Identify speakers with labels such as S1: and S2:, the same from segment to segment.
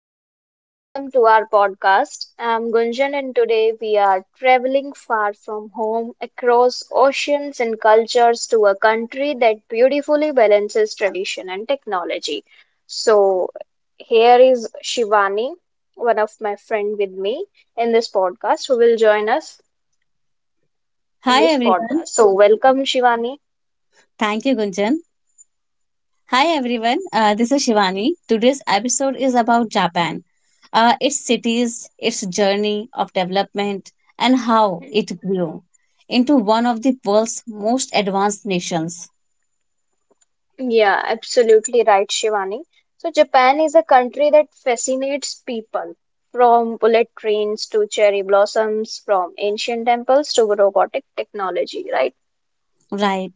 S1: everyone, and welcome to our podcast. I'm Gunjan, and today we are traveling far from home across oceans and cultures to a country that beautifully balances tradition and technology. So, here is Shivani, one of my friend with me in this podcast, who will join us in
S2: Hi
S1: this
S2: everyone.
S1: podcast. So, welcome, Shivani.
S2: Thank you, Gunjan. Hi everyone. This is Shivani. Today's episode is about Japan, its cities, its journey of development, and how it grew into one of the world's most advanced nations.
S1: Yeah, absolutely right, Shivani. So, Japan is a country that fascinates people from bullet trains to cherry blossoms, from ancient temples to robotic technology, right?
S2: Right.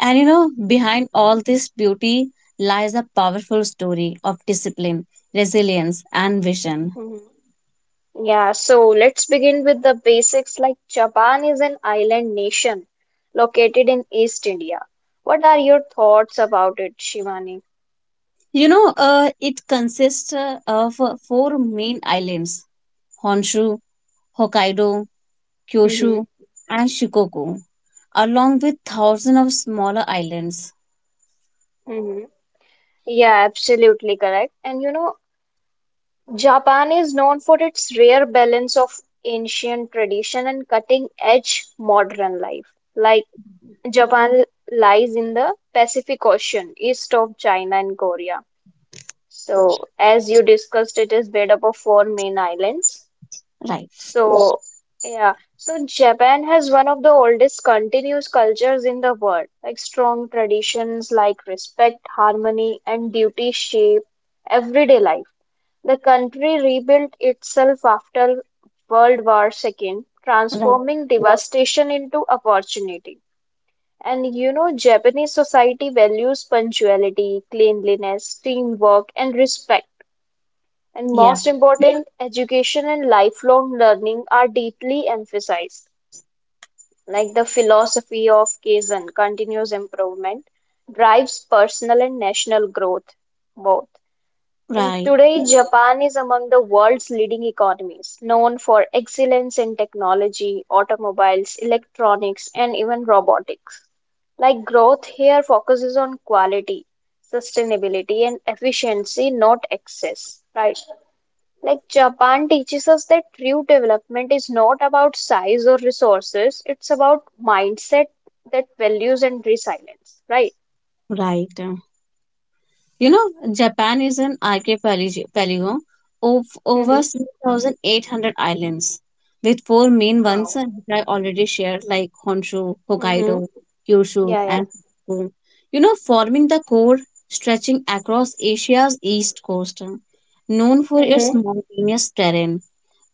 S2: And you know, behind all this beauty lies a powerful story of discipline, resilience, and vision.
S1: Mhm. Yeah, so let's begin with the basics. Like, Japan is an island nation located in East India. What are your thoughts about it, Shivani?
S2: It consists of four main islands: Honshu, Hokkaido, Kyushu,
S1: Mhm.
S2: and Shikoku, along with thousands of smaller islands.
S1: Mhm. Yeah, absolutely correct. And Japan is known for its rare balance of ancient tradition and cutting-edge modern life. Like Japan lies in the Pacific Ocean, east of China and Korea. So, as you discussed, it is made up of four main islands.
S2: Right.
S1: So, yeah, so Japan has one of the oldest continuous cultures in the world, like strong traditions like respect, harmony, and duty shape everyday life. The country rebuilt itself after World War II,
S2: Right.
S1: transforming devastation into opportunity. And Japanese society values punctuality, cleanliness, teamwork, and respect. And
S2: Yeah.
S1: most important, education and lifelong learning are deeply emphasized. Like the philosophy of Kaizen, continuous improvement, drives personal and national growth, both. And
S2: Right.
S1: today, Japan is among the world's leading economies, known for excellence in technology, automobiles, electronics, and even robotics. Like growth here focuses on quality, sustainability, and efficiency, not excess, right? Like Japan teaches us that true development is not about size or resources, it's about mindset that values and resilience, right?
S2: Right. You know, Japan is an archipelago of
S1: Mm-hmm.
S2: over 6,800 islands, with four main ones
S1: Wow.
S2: that I already shared, like Honshu,
S1: Mm-hmm.
S2: Hokkaido, Kyushu,
S1: Yeah, yeah.
S2: and Shikoku. You know, forming the core, stretching across Asia's east coast, known for its mountainous terrain,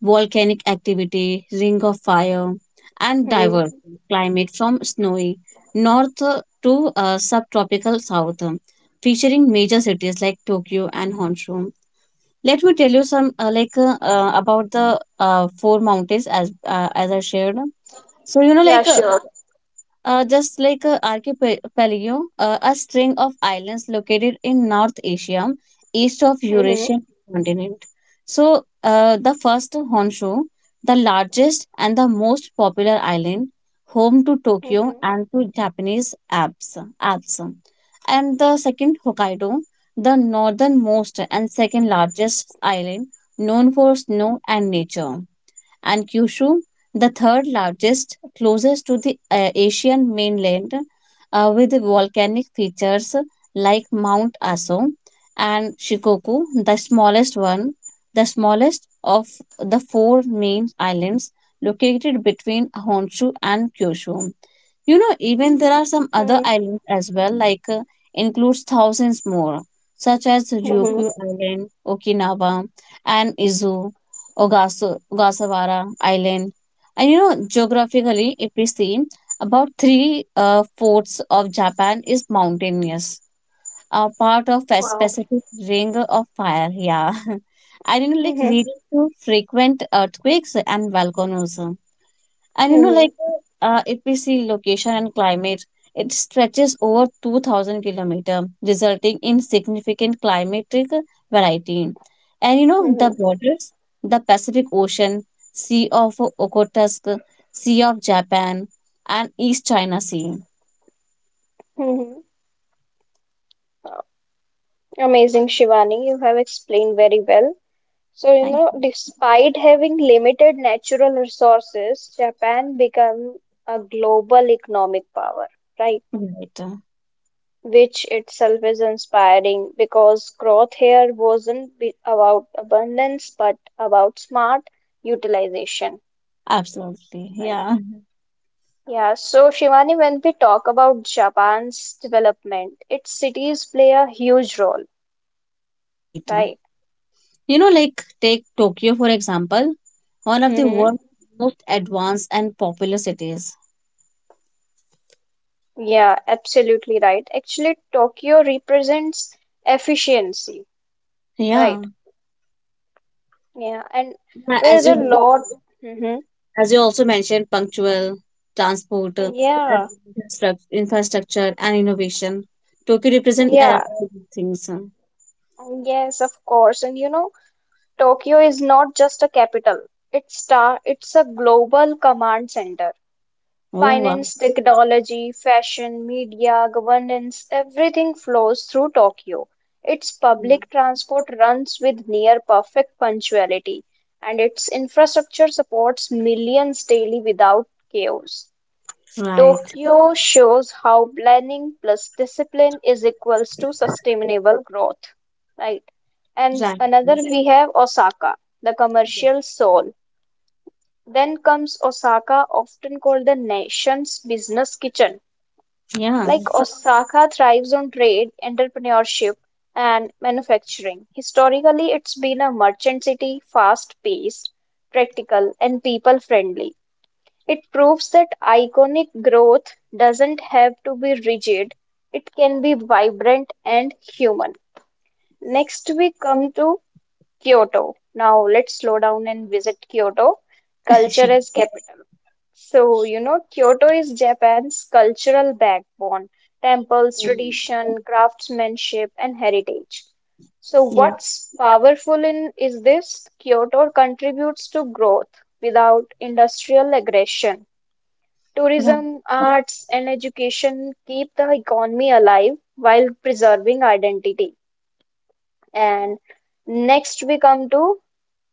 S2: volcanic activity, ring of fire, and diverse climate from snowy north to subtropical south, featuring major cities like Tokyo and Honshu. Let me tell you some about the four mountains as I shared. So you know,
S1: Yeah,
S2: like
S1: sure.
S2: just like archipelago, a string of islands located in North Asia, east of
S1: Mm-hmm.
S2: Eurasian continent. So, the first, Honshu, the largest and the most popular island, home to Tokyo and to Japanese apps. And the second, Hokkaido, the northernmost and second largest island, known for snow and nature. And Kyushu, the third largest, closest to the Asian mainland, with volcanic features like Mount Aso. And Shikoku, the smallest of the four main islands, located between Honshu and Kyushu. You know, even there are some other
S1: Mhm,
S2: islands as well, includes thousands more, such as Ryukyu
S1: mhm.
S2: Island, Okinawa, and Izu Ogasawara Island. And you know, geographically, if we see, about three fourths of Japan is mountainous, a part of a
S1: Wow.
S2: specific ring of fire. Yeah. And you know, like
S1: Mhm,
S2: leading to frequent earthquakes and volcanoes. And you know,
S1: mhm,
S2: like if we see location and climate, it stretches over 2,000 kilometer, resulting in significant climatic variety. And you know,
S1: mhm,
S2: the borders, the Pacific Ocean, Sea of Okhotsk, Sea of Japan, and East China Sea.
S1: mhm. Wow. Amazing, Shivani. You have explained very well. So,
S2: Thank you.
S1: despite having limited natural resources, Japan became a global economic power, right?
S2: Right.
S1: Which itself is inspiring because growth here wasn't be about abundance but about smart utilization,
S2: Absolutely.
S1: right?
S2: Yeah.
S1: Yeah, so Shivani, when we talk about Japan's development, its cities play a huge role,
S2: Right.
S1: right?
S2: You know, like take Tokyo, for example, one of the
S1: Mm-hmm.
S2: world's most advanced and popular cities.
S1: Yeah, absolutely right. Actually, Tokyo represents efficiency, right?
S2: Yeah.
S1: Yeah, and
S2: Yeah,
S1: there is a lot. Hmm.
S2: As you also mentioned, punctual transport, and
S1: Yeah,
S2: infrastructure, and innovation. Tokyo represent
S1: yeah,
S2: all these things.
S1: yes, of course. And Tokyo is not just a capital. It's star. It's a global command center.
S2: Oh, wow!
S1: Finance, technology, fashion, media, governance, everything flows through Tokyo. Its
S2: Yeah.
S1: public transport runs with near perfect punctuality, and its infrastructure supports millions daily without chaos.
S2: Right.
S1: Tokyo shows how planning plus discipline is equals to sustainable growth. Right. And
S2: Right.
S1: another we have Osaka, the commercial soul. Then comes Osaka, often called the nation's business kitchen.
S2: Yeah.
S1: Like Osaka thrives on trade, entrepreneurship, and manufacturing. Historically, it's been a merchant city, fast-paced, practical, and people-friendly. It proves that iconic growth doesn't have to be rigid, it can be vibrant and human. Next, we come to Kyoto. Now let's slow down and visit Kyoto, culture
S2: She-
S1: is capital. So, Kyoto is Japan's cultural backbone, temples,
S2: Mm.
S1: tradition, craftsmanship, and heritage. So,
S2: Yeah.
S1: what's powerful in is this Kyoto contributes to growth without industrial aggression.
S2: Right.
S1: Tourism, arts, and education keep the economy alive while preserving identity. And next, we come to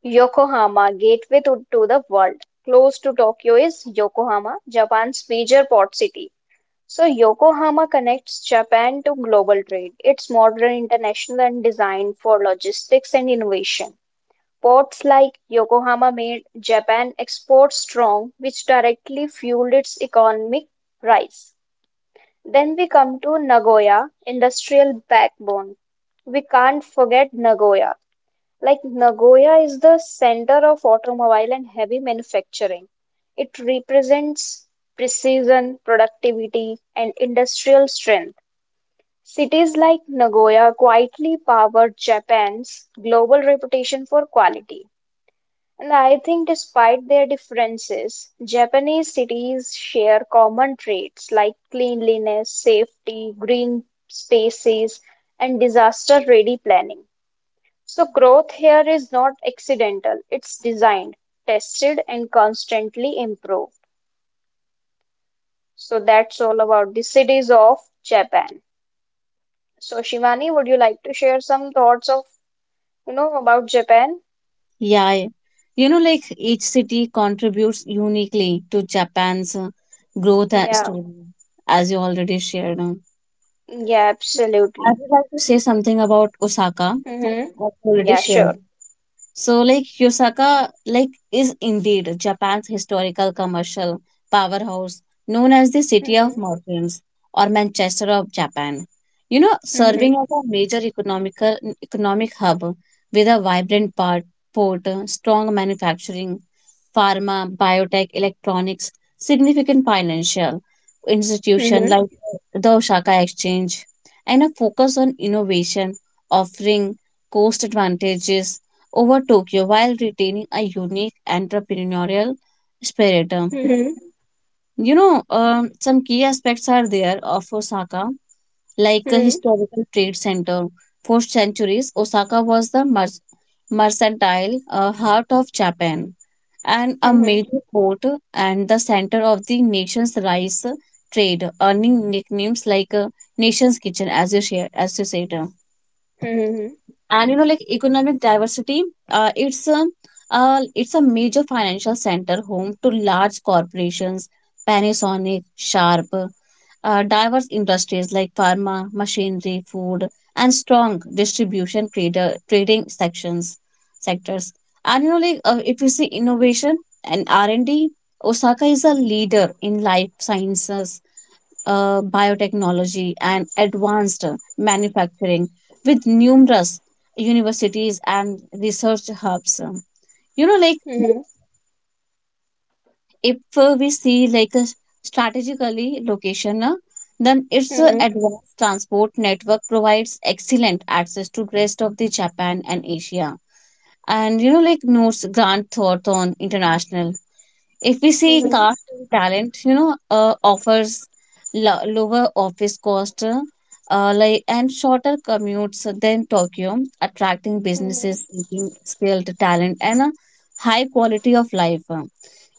S1: Yokohama, gateway to the world. Close to Tokyo is Yokohama, Japan's major port city. So, Yokohama connects Japan to global trade. It's modern, international, and designed for logistics and innovation. Ports like Yokohama made Japan export strong, which directly fueled its economic rise. Then we come to Nagoya, industrial backbone. We can't forget Nagoya. Like Nagoya is the center of automobile and heavy manufacturing. It represents precision, productivity, and industrial strength. Cities like Nagoya quietly powered Japan's global reputation for quality. And I think, despite their differences, Japanese cities share common traits like cleanliness, safety, green spaces, and disaster ready planning. So growth here is not accidental, it's designed, tested, and constantly improved. So that's all about the cities of Japan. So Shivani, would you like to share some thoughts of, about Japan?
S2: Yeah. Yeah. You know, like each city contributes uniquely to Japan's growth and
S1: Yeah,
S2: story, as you already shared.
S1: yeah,
S2: I
S1: absolutely.
S2: would like to say something about Osaka.
S1: Mm-hmm.
S2: I've already
S1: Yeah,
S2: shared.
S1: sure.
S2: So, like Yosaka, like is indeed Japan's historical commercial powerhouse, known as the City of
S1: Mm-hmm.
S2: Merchants or Manchester of Japan. You know,
S1: Mm-hmm.
S2: serving as a major economic hub with a port, strong manufacturing, pharma, biotech, electronics, significant financial institution
S1: Mm-hmm.
S2: like the Osaka Exchange, and a focus on innovation, offering cost advantages over Tokyo while retaining a unique entrepreneurial spirit.
S1: Mm-hmm.
S2: You know, some key aspects are there of Osaka, like a historical trade center. For centuries, Osaka was the mercantile heart of Japan and a
S1: Mm-hmm. Mm-hmm.
S2: major port and the center of the nation's rice trade, earning nicknames like Nation's Kitchen, as you said.
S1: Mm-hmm. Mm-hmm.
S2: And you know, like economic diversity, uh, it's a it's a major financial center, home to large corporations, Panasonic, Sharp, diverse industries like pharma, machinery, food, and strong distribution, trader trading sections sectors. And you know, if you see innovation and R&D, Osaka is a leader in life sciences, biotechnology, and advanced manufacturing with numerous universities and research hubs. You know, like
S1: Mm-hmm.
S2: if we see like a strategically location, then its advanced transport network provides excellent access to rest of the Japan and Asia. And you know, like notes Grant Thornton International. If we see car
S1: Mm-hmm.
S2: talent, you know, offers lower office cost and shorter commutes than Tokyo, attracting businesses
S1: Mm-hmm.
S2: seeking skilled talent and a high quality of life.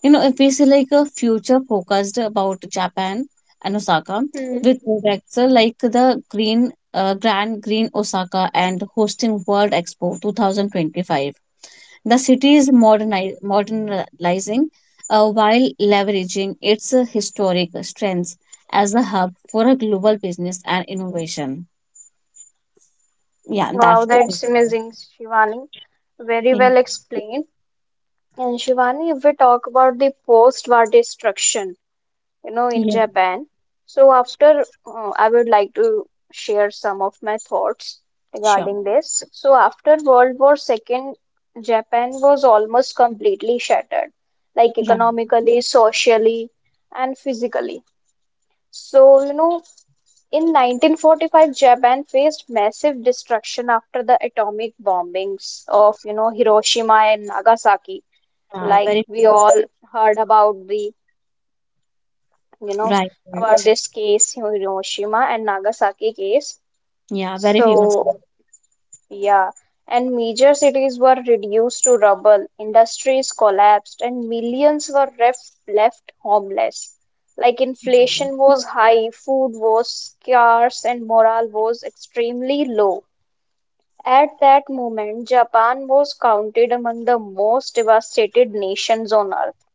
S2: You know, if we see like a future focused about Japan and Osaka, with projects like the Green Grand Green Osaka and hosting World Expo 2025, the city is modernizing while leveraging its historic strengths as a hub for a global business and innovation. Yeah,
S1: Wow,
S2: that's
S1: that's amazing, Shivani. Very
S2: yeah,
S1: well explained. And Shivani, if we talk about the post-war destruction, in
S2: yeah,
S1: Japan, so after I would like to share some of my thoughts
S2: sure.
S1: regarding this. So after World War II, Japan was almost completely shattered, like
S2: Right.
S1: economically, socially, and physically. So, in 1945, Japan faced massive destruction after the atomic bombings of, Hiroshima and Nagasaki like
S2: Very
S1: we all heard about the, you know,
S2: right.
S1: about
S2: Right.
S1: this case, Hiroshima and Nagasaki case.
S2: Yeah, very famous.
S1: So, yeah, and major cities were reduced to rubble, industries collapsed, and millions were left homeless. Like inflation was high, food was scarce, and morale was extremely low. At that moment, Japan was counted among the most devastated nations on earth.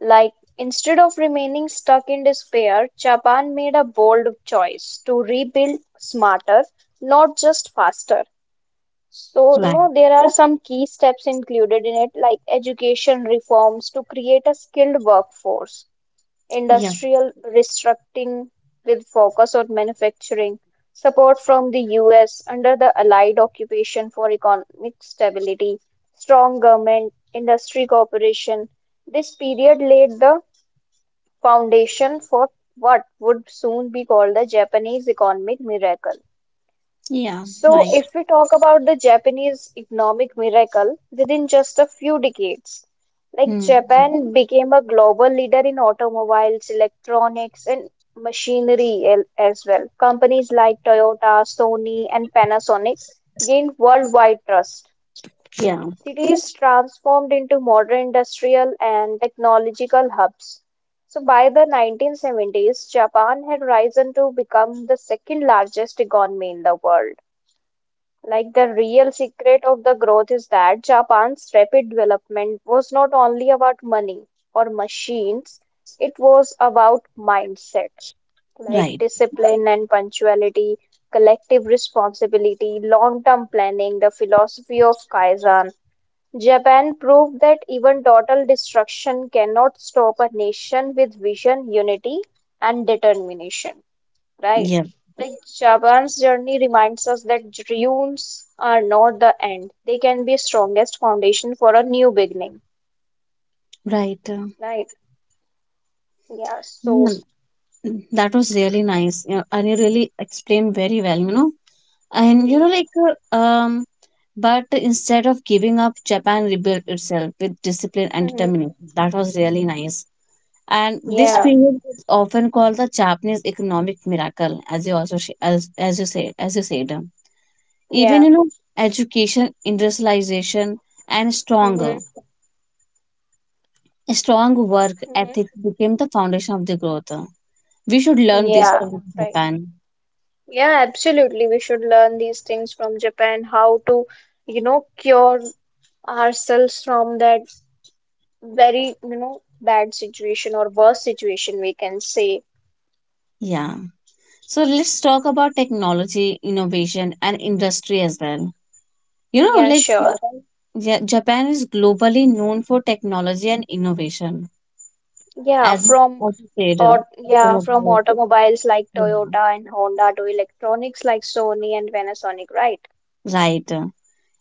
S1: Like, instead of remaining stuck in despair, Japan made a bold choice to rebuild smarter, not just faster. So,
S2: Right.
S1: there are some key steps included in it, like education reforms to create a skilled workforce,
S2: Yeah.
S1: industrial restructuring with focus on manufacturing, support from the US under the Allied occupation for economic stability, strong government, industry cooperation. This period laid the foundation for what would soon be called the Japanese economic miracle.
S2: Yeah.
S1: So,
S2: Right.
S1: if we talk about the Japanese economic miracle within just a few decades, like
S2: Hmm.
S1: Japan became a global leader in automobiles, electronics, and machinery as well. Companies like Toyota, Sony, and Panasonic gained worldwide trust.
S2: Yeah.
S1: Cities transformed into modern industrial and technological hubs. So by the 1970s, Japan had risen to become the second largest economy in the world. Like the real secret of the growth is that Japan's rapid development was not only about money or machines, it was about mindset, like
S2: Right.
S1: discipline and punctuality, collective responsibility, long term planning, the philosophy of Kaizen, Japan proved that even total destruction cannot stop a nation with vision, unity, and determination. Right?
S2: Yeah.
S1: Like Japan's journey reminds us that dreams are not the end. They can be strongest foundation for a new beginning.
S2: Right.
S1: Right? Yeah. So.
S2: yeah. That was really nice. Yeah, and you really explained very well, you know. And you know, uh, um, but instead of giving up, Japan rebuilt itself with discipline and
S1: Mm-hmm.
S2: determination. That was really nice. And this
S1: Yeah.
S2: period is often called the Japanese economic miracle, as you also sh- as you say as you said. Even
S1: Yeah.
S2: you know, education, industrialization, and
S1: Mm-hmm.
S2: strong work ethic
S1: Mm-hmm.
S2: became the foundation of the growth. We should learn this
S1: Yeah.
S2: from
S1: Right.
S2: Japan.
S1: Yeah, absolutely. We should learn these things from Japan, how to, cure ourselves from that very, bad situation or worse situation, we can say.
S2: Yeah. So let's talk about technology, innovation, and industry as well. You know,
S1: Yeah, sure.
S2: Japan is globally known for technology and innovation,
S1: Yeah, from
S2: as you said,
S1: or yeah, from
S2: automobile,
S1: automobiles like
S2: yeah,
S1: Toyota and Honda to electronics like Sony and Panasonic, right?
S2: right.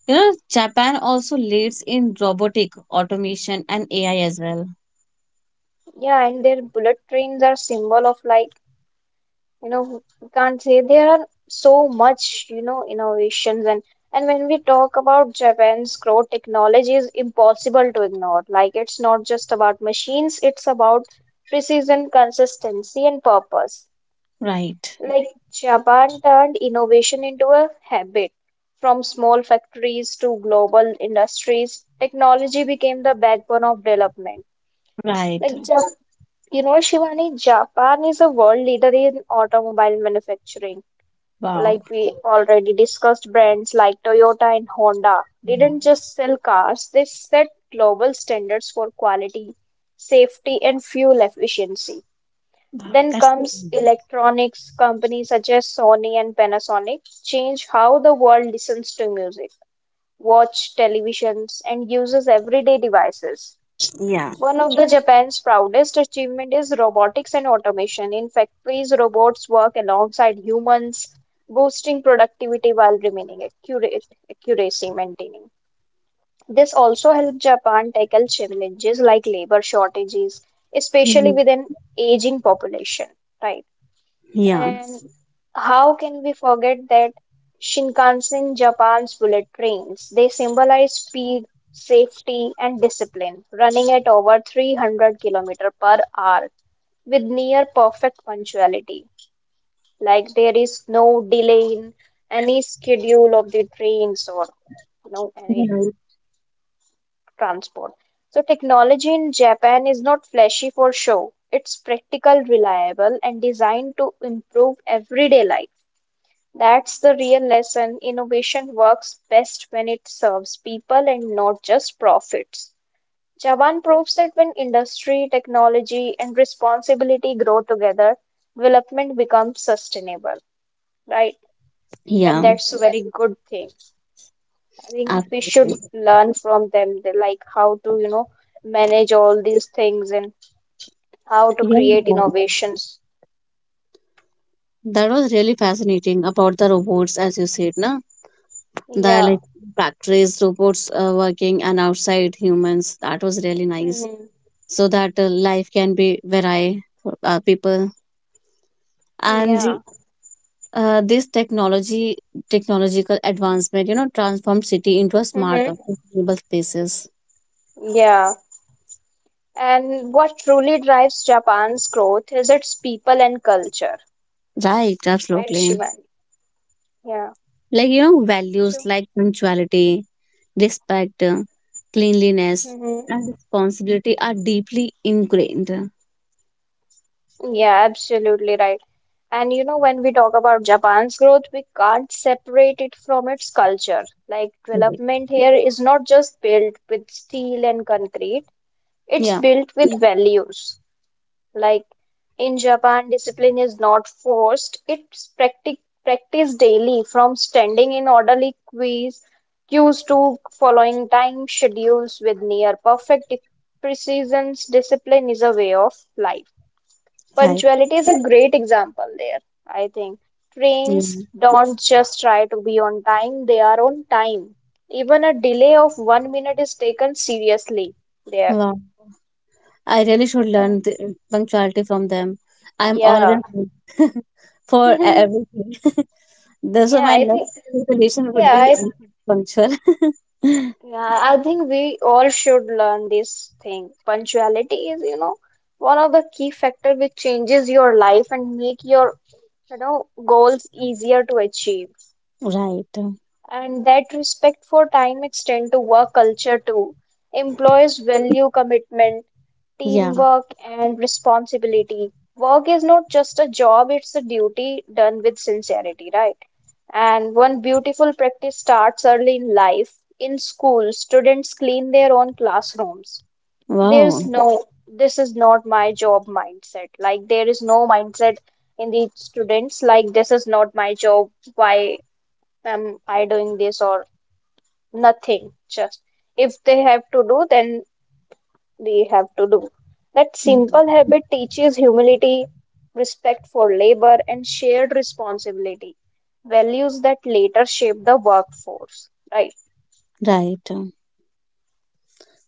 S2: You know, Japan also leads in robotic automation and AI as well.
S1: Yeah, and their bullet trains are symbol of like, we can't say there are so much, innovations and when we talk about Japan's growth, technology is impossible to ignore. Like it's not just about machines, it's about precision, consistency, and purpose.
S2: Right.
S1: Like Japan turned innovation into a habit. From small factories to global industries, technology became the backbone of development. Like,
S2: Right.
S1: Shivani, Japan is a world leader in automobile manufacturing.
S2: Wow.
S1: Like we already discussed, brands like Toyota and Honda didn't just sell cars, they set global standards for quality, safety, and fuel efficiency.
S2: Wow.
S1: Then
S2: That's
S1: comes electronics companies such as Sony and Panasonic change how the world listens to music, watch televisions, and uses everyday devices.
S2: yeah.
S1: One of the Japan's proudest achievement is robotics and automation. In factories, robots work alongside humans, boosting productivity while remaining accurate, accuracy maintaining. This also helped Japan tackle challenges like labor shortages, especially
S2: Mhm.
S1: with an aging population, right?
S2: Yeah.
S1: And how can we forget that Shinkansen, Japan's bullet trains? They symbolize speed, safety, and discipline, running at over 300 kilometer per hour with near perfect punctuality. Like there is no delay in any schedule of the trains or any
S2: Right.
S1: transport. So technology in Japan is not flashy for show. It's practical, reliable, and designed to improve everyday life. That's the real lesson. Innovation works best when it serves people and not just profits. Jawan proves that when industry, technology, and responsibility grow together, development becomes sustainable, right? And
S2: Yeah.
S1: that's a very good thing. I think we should
S2: Absolutely.
S1: learn from them, like how to, manage all these things and how to
S2: Yeah.
S1: create innovations.
S2: That was really fascinating about the robots, as you said, na? The
S1: Yeah.
S2: like factories robots working and outside humans, that was really nice,
S1: Hmm.
S2: so that life can be varied for people. And
S1: Yeah.
S2: this technology technological advancement, you know, transformed city into a
S1: Hmm.
S2: smarter sustainable spaces.
S1: Yeah. And what truly drives Japan's growth is its people and culture,
S2: Right,
S1: right,
S2: absolutely.
S1: Shivani? Yeah.
S2: Like you know, values
S1: Sure.
S2: like punctuality, respect, cleanliness,
S1: Hmm.
S2: and responsibility are deeply ingrained.
S1: Yeah, absolutely right. And when we talk about Japan's growth, we can't separate it from its culture. Like,
S2: Right.
S1: development here is not just built with steel and concrete, it's
S2: Yeah.
S1: built with values. Like in Japan, discipline is not forced, it's practiced daily from standing in orderly queues to following time schedules with near perfect precision. Discipline is a way of life.
S2: Right.
S1: Punctuality is a great example there, I think. Trains
S2: Yeah.
S1: don't just try to be on time, they are on time. Even a delay of 1 minute is taken seriously there.
S2: Wow. I really should learn the punctuality from them. I'm
S1: Yeah.
S2: always late for everything. That's why
S1: Yeah,
S2: my
S1: I
S2: next
S1: think
S2: resolution would
S1: Yeah,
S2: be
S1: I
S2: I'm punctual.
S1: yeah, I think we all should learn this thing. Punctuality is, one of the key factor which changes your life and make your, goals easier to achieve.
S2: Right.
S1: And that respect for time extend to work culture too. Employees value commitment,
S2: Yeah.
S1: teamwork, and responsibility. Work is not just a job, it's a duty done with sincerity, right? And one beautiful practice starts early in life. In school, students clean their own classrooms. There's
S2: Wow.
S1: no, this is not my job mindset. Like, there is no mindset in the students, like, this is not my job. Why am I doing this? Or Nothing, just if they have to do, then they have to do. That simple
S2: Mhm.
S1: habit teaches humility, respect for labor, and shared responsibility, values that later shape the workforce. Right.
S2: Right.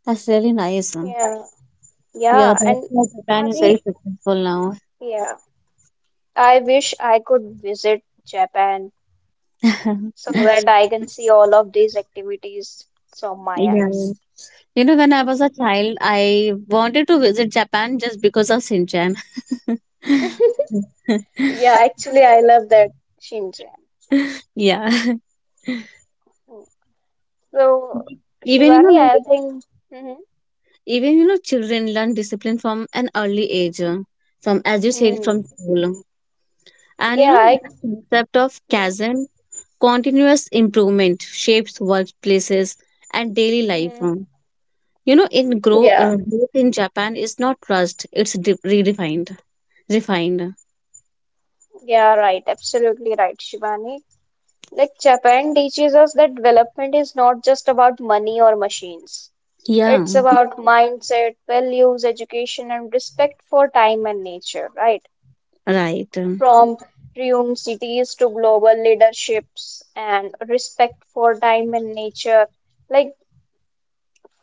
S2: That's really nice.
S1: Yeah.
S2: Yeah,
S1: Yeah.
S2: that's
S1: And
S2: why Japan
S1: I
S2: is
S1: think,
S2: very successful now.
S1: yeah, I wish I could visit Japan so that I can see all of these activities from my
S2: Yeah.
S1: eyes.
S2: You know, when I was a child, I wanted to visit Japan just because of Shinchan.
S1: Yeah, actually, I love that Shinjan.
S2: Yeah.
S1: So,
S2: Even, you know,
S1: Shivani,
S2: like,
S1: I think, hmm
S2: Even you know, children learn discipline from an early age, from as you said,
S1: hmm
S2: from school. And you
S1: yeah,
S2: know,
S1: I,
S2: the concept of
S1: mhm,
S2: chasm, continuous improvement shapes workplaces and daily life.
S1: mhm.
S2: You know, in grow
S1: Yeah,
S2: growth in Japan is not rushed; it's redefined, refined.
S1: yeah, right, absolutely right, Shivani. Like Japan teaches us that development is not just about money or machines. It's
S2: Yeah,
S1: about mindset, values, education, and respect for time and nature, right?
S2: right.
S1: From ruined cities to global leaderships and respect for time and nature. Like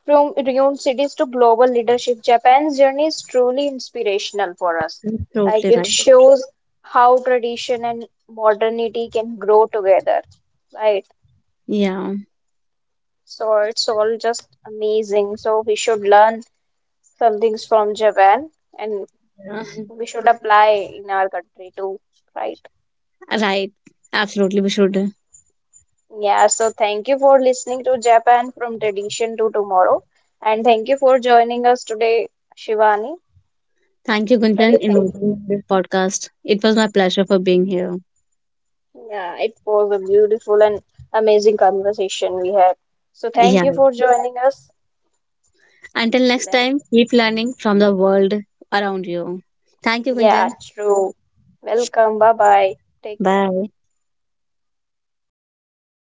S1: from renowned cities to global leadership, Japan's journey is truly inspirational for us. Like
S2: Absolutely
S1: it
S2: right.
S1: shows how tradition and modernity can grow together, right?
S2: Yeah.
S1: So it's all just amazing. So we should learn some things from Japan and
S2: Yeah,
S1: we should apply in our country too, right?
S2: right. Absolutely, we should.
S1: Yeah, so thank you for listening to Japan from tradition to tomorrow. And thank you for joining us today, Shivani.
S2: Thank you,
S1: Very
S2: Gunjan, in
S1: thankful.
S2: this podcast. It was my pleasure for being here.
S1: Yeah, it was a beautiful and amazing conversation we had. So thank you
S2: Yeah.
S1: for joining us.
S2: Until next
S1: Then,
S2: time, keep learning from the world around you. Thank you,
S1: yeah,
S2: Gunjan.
S1: true. Welcome. Bye bye. Take care.
S2: Bye.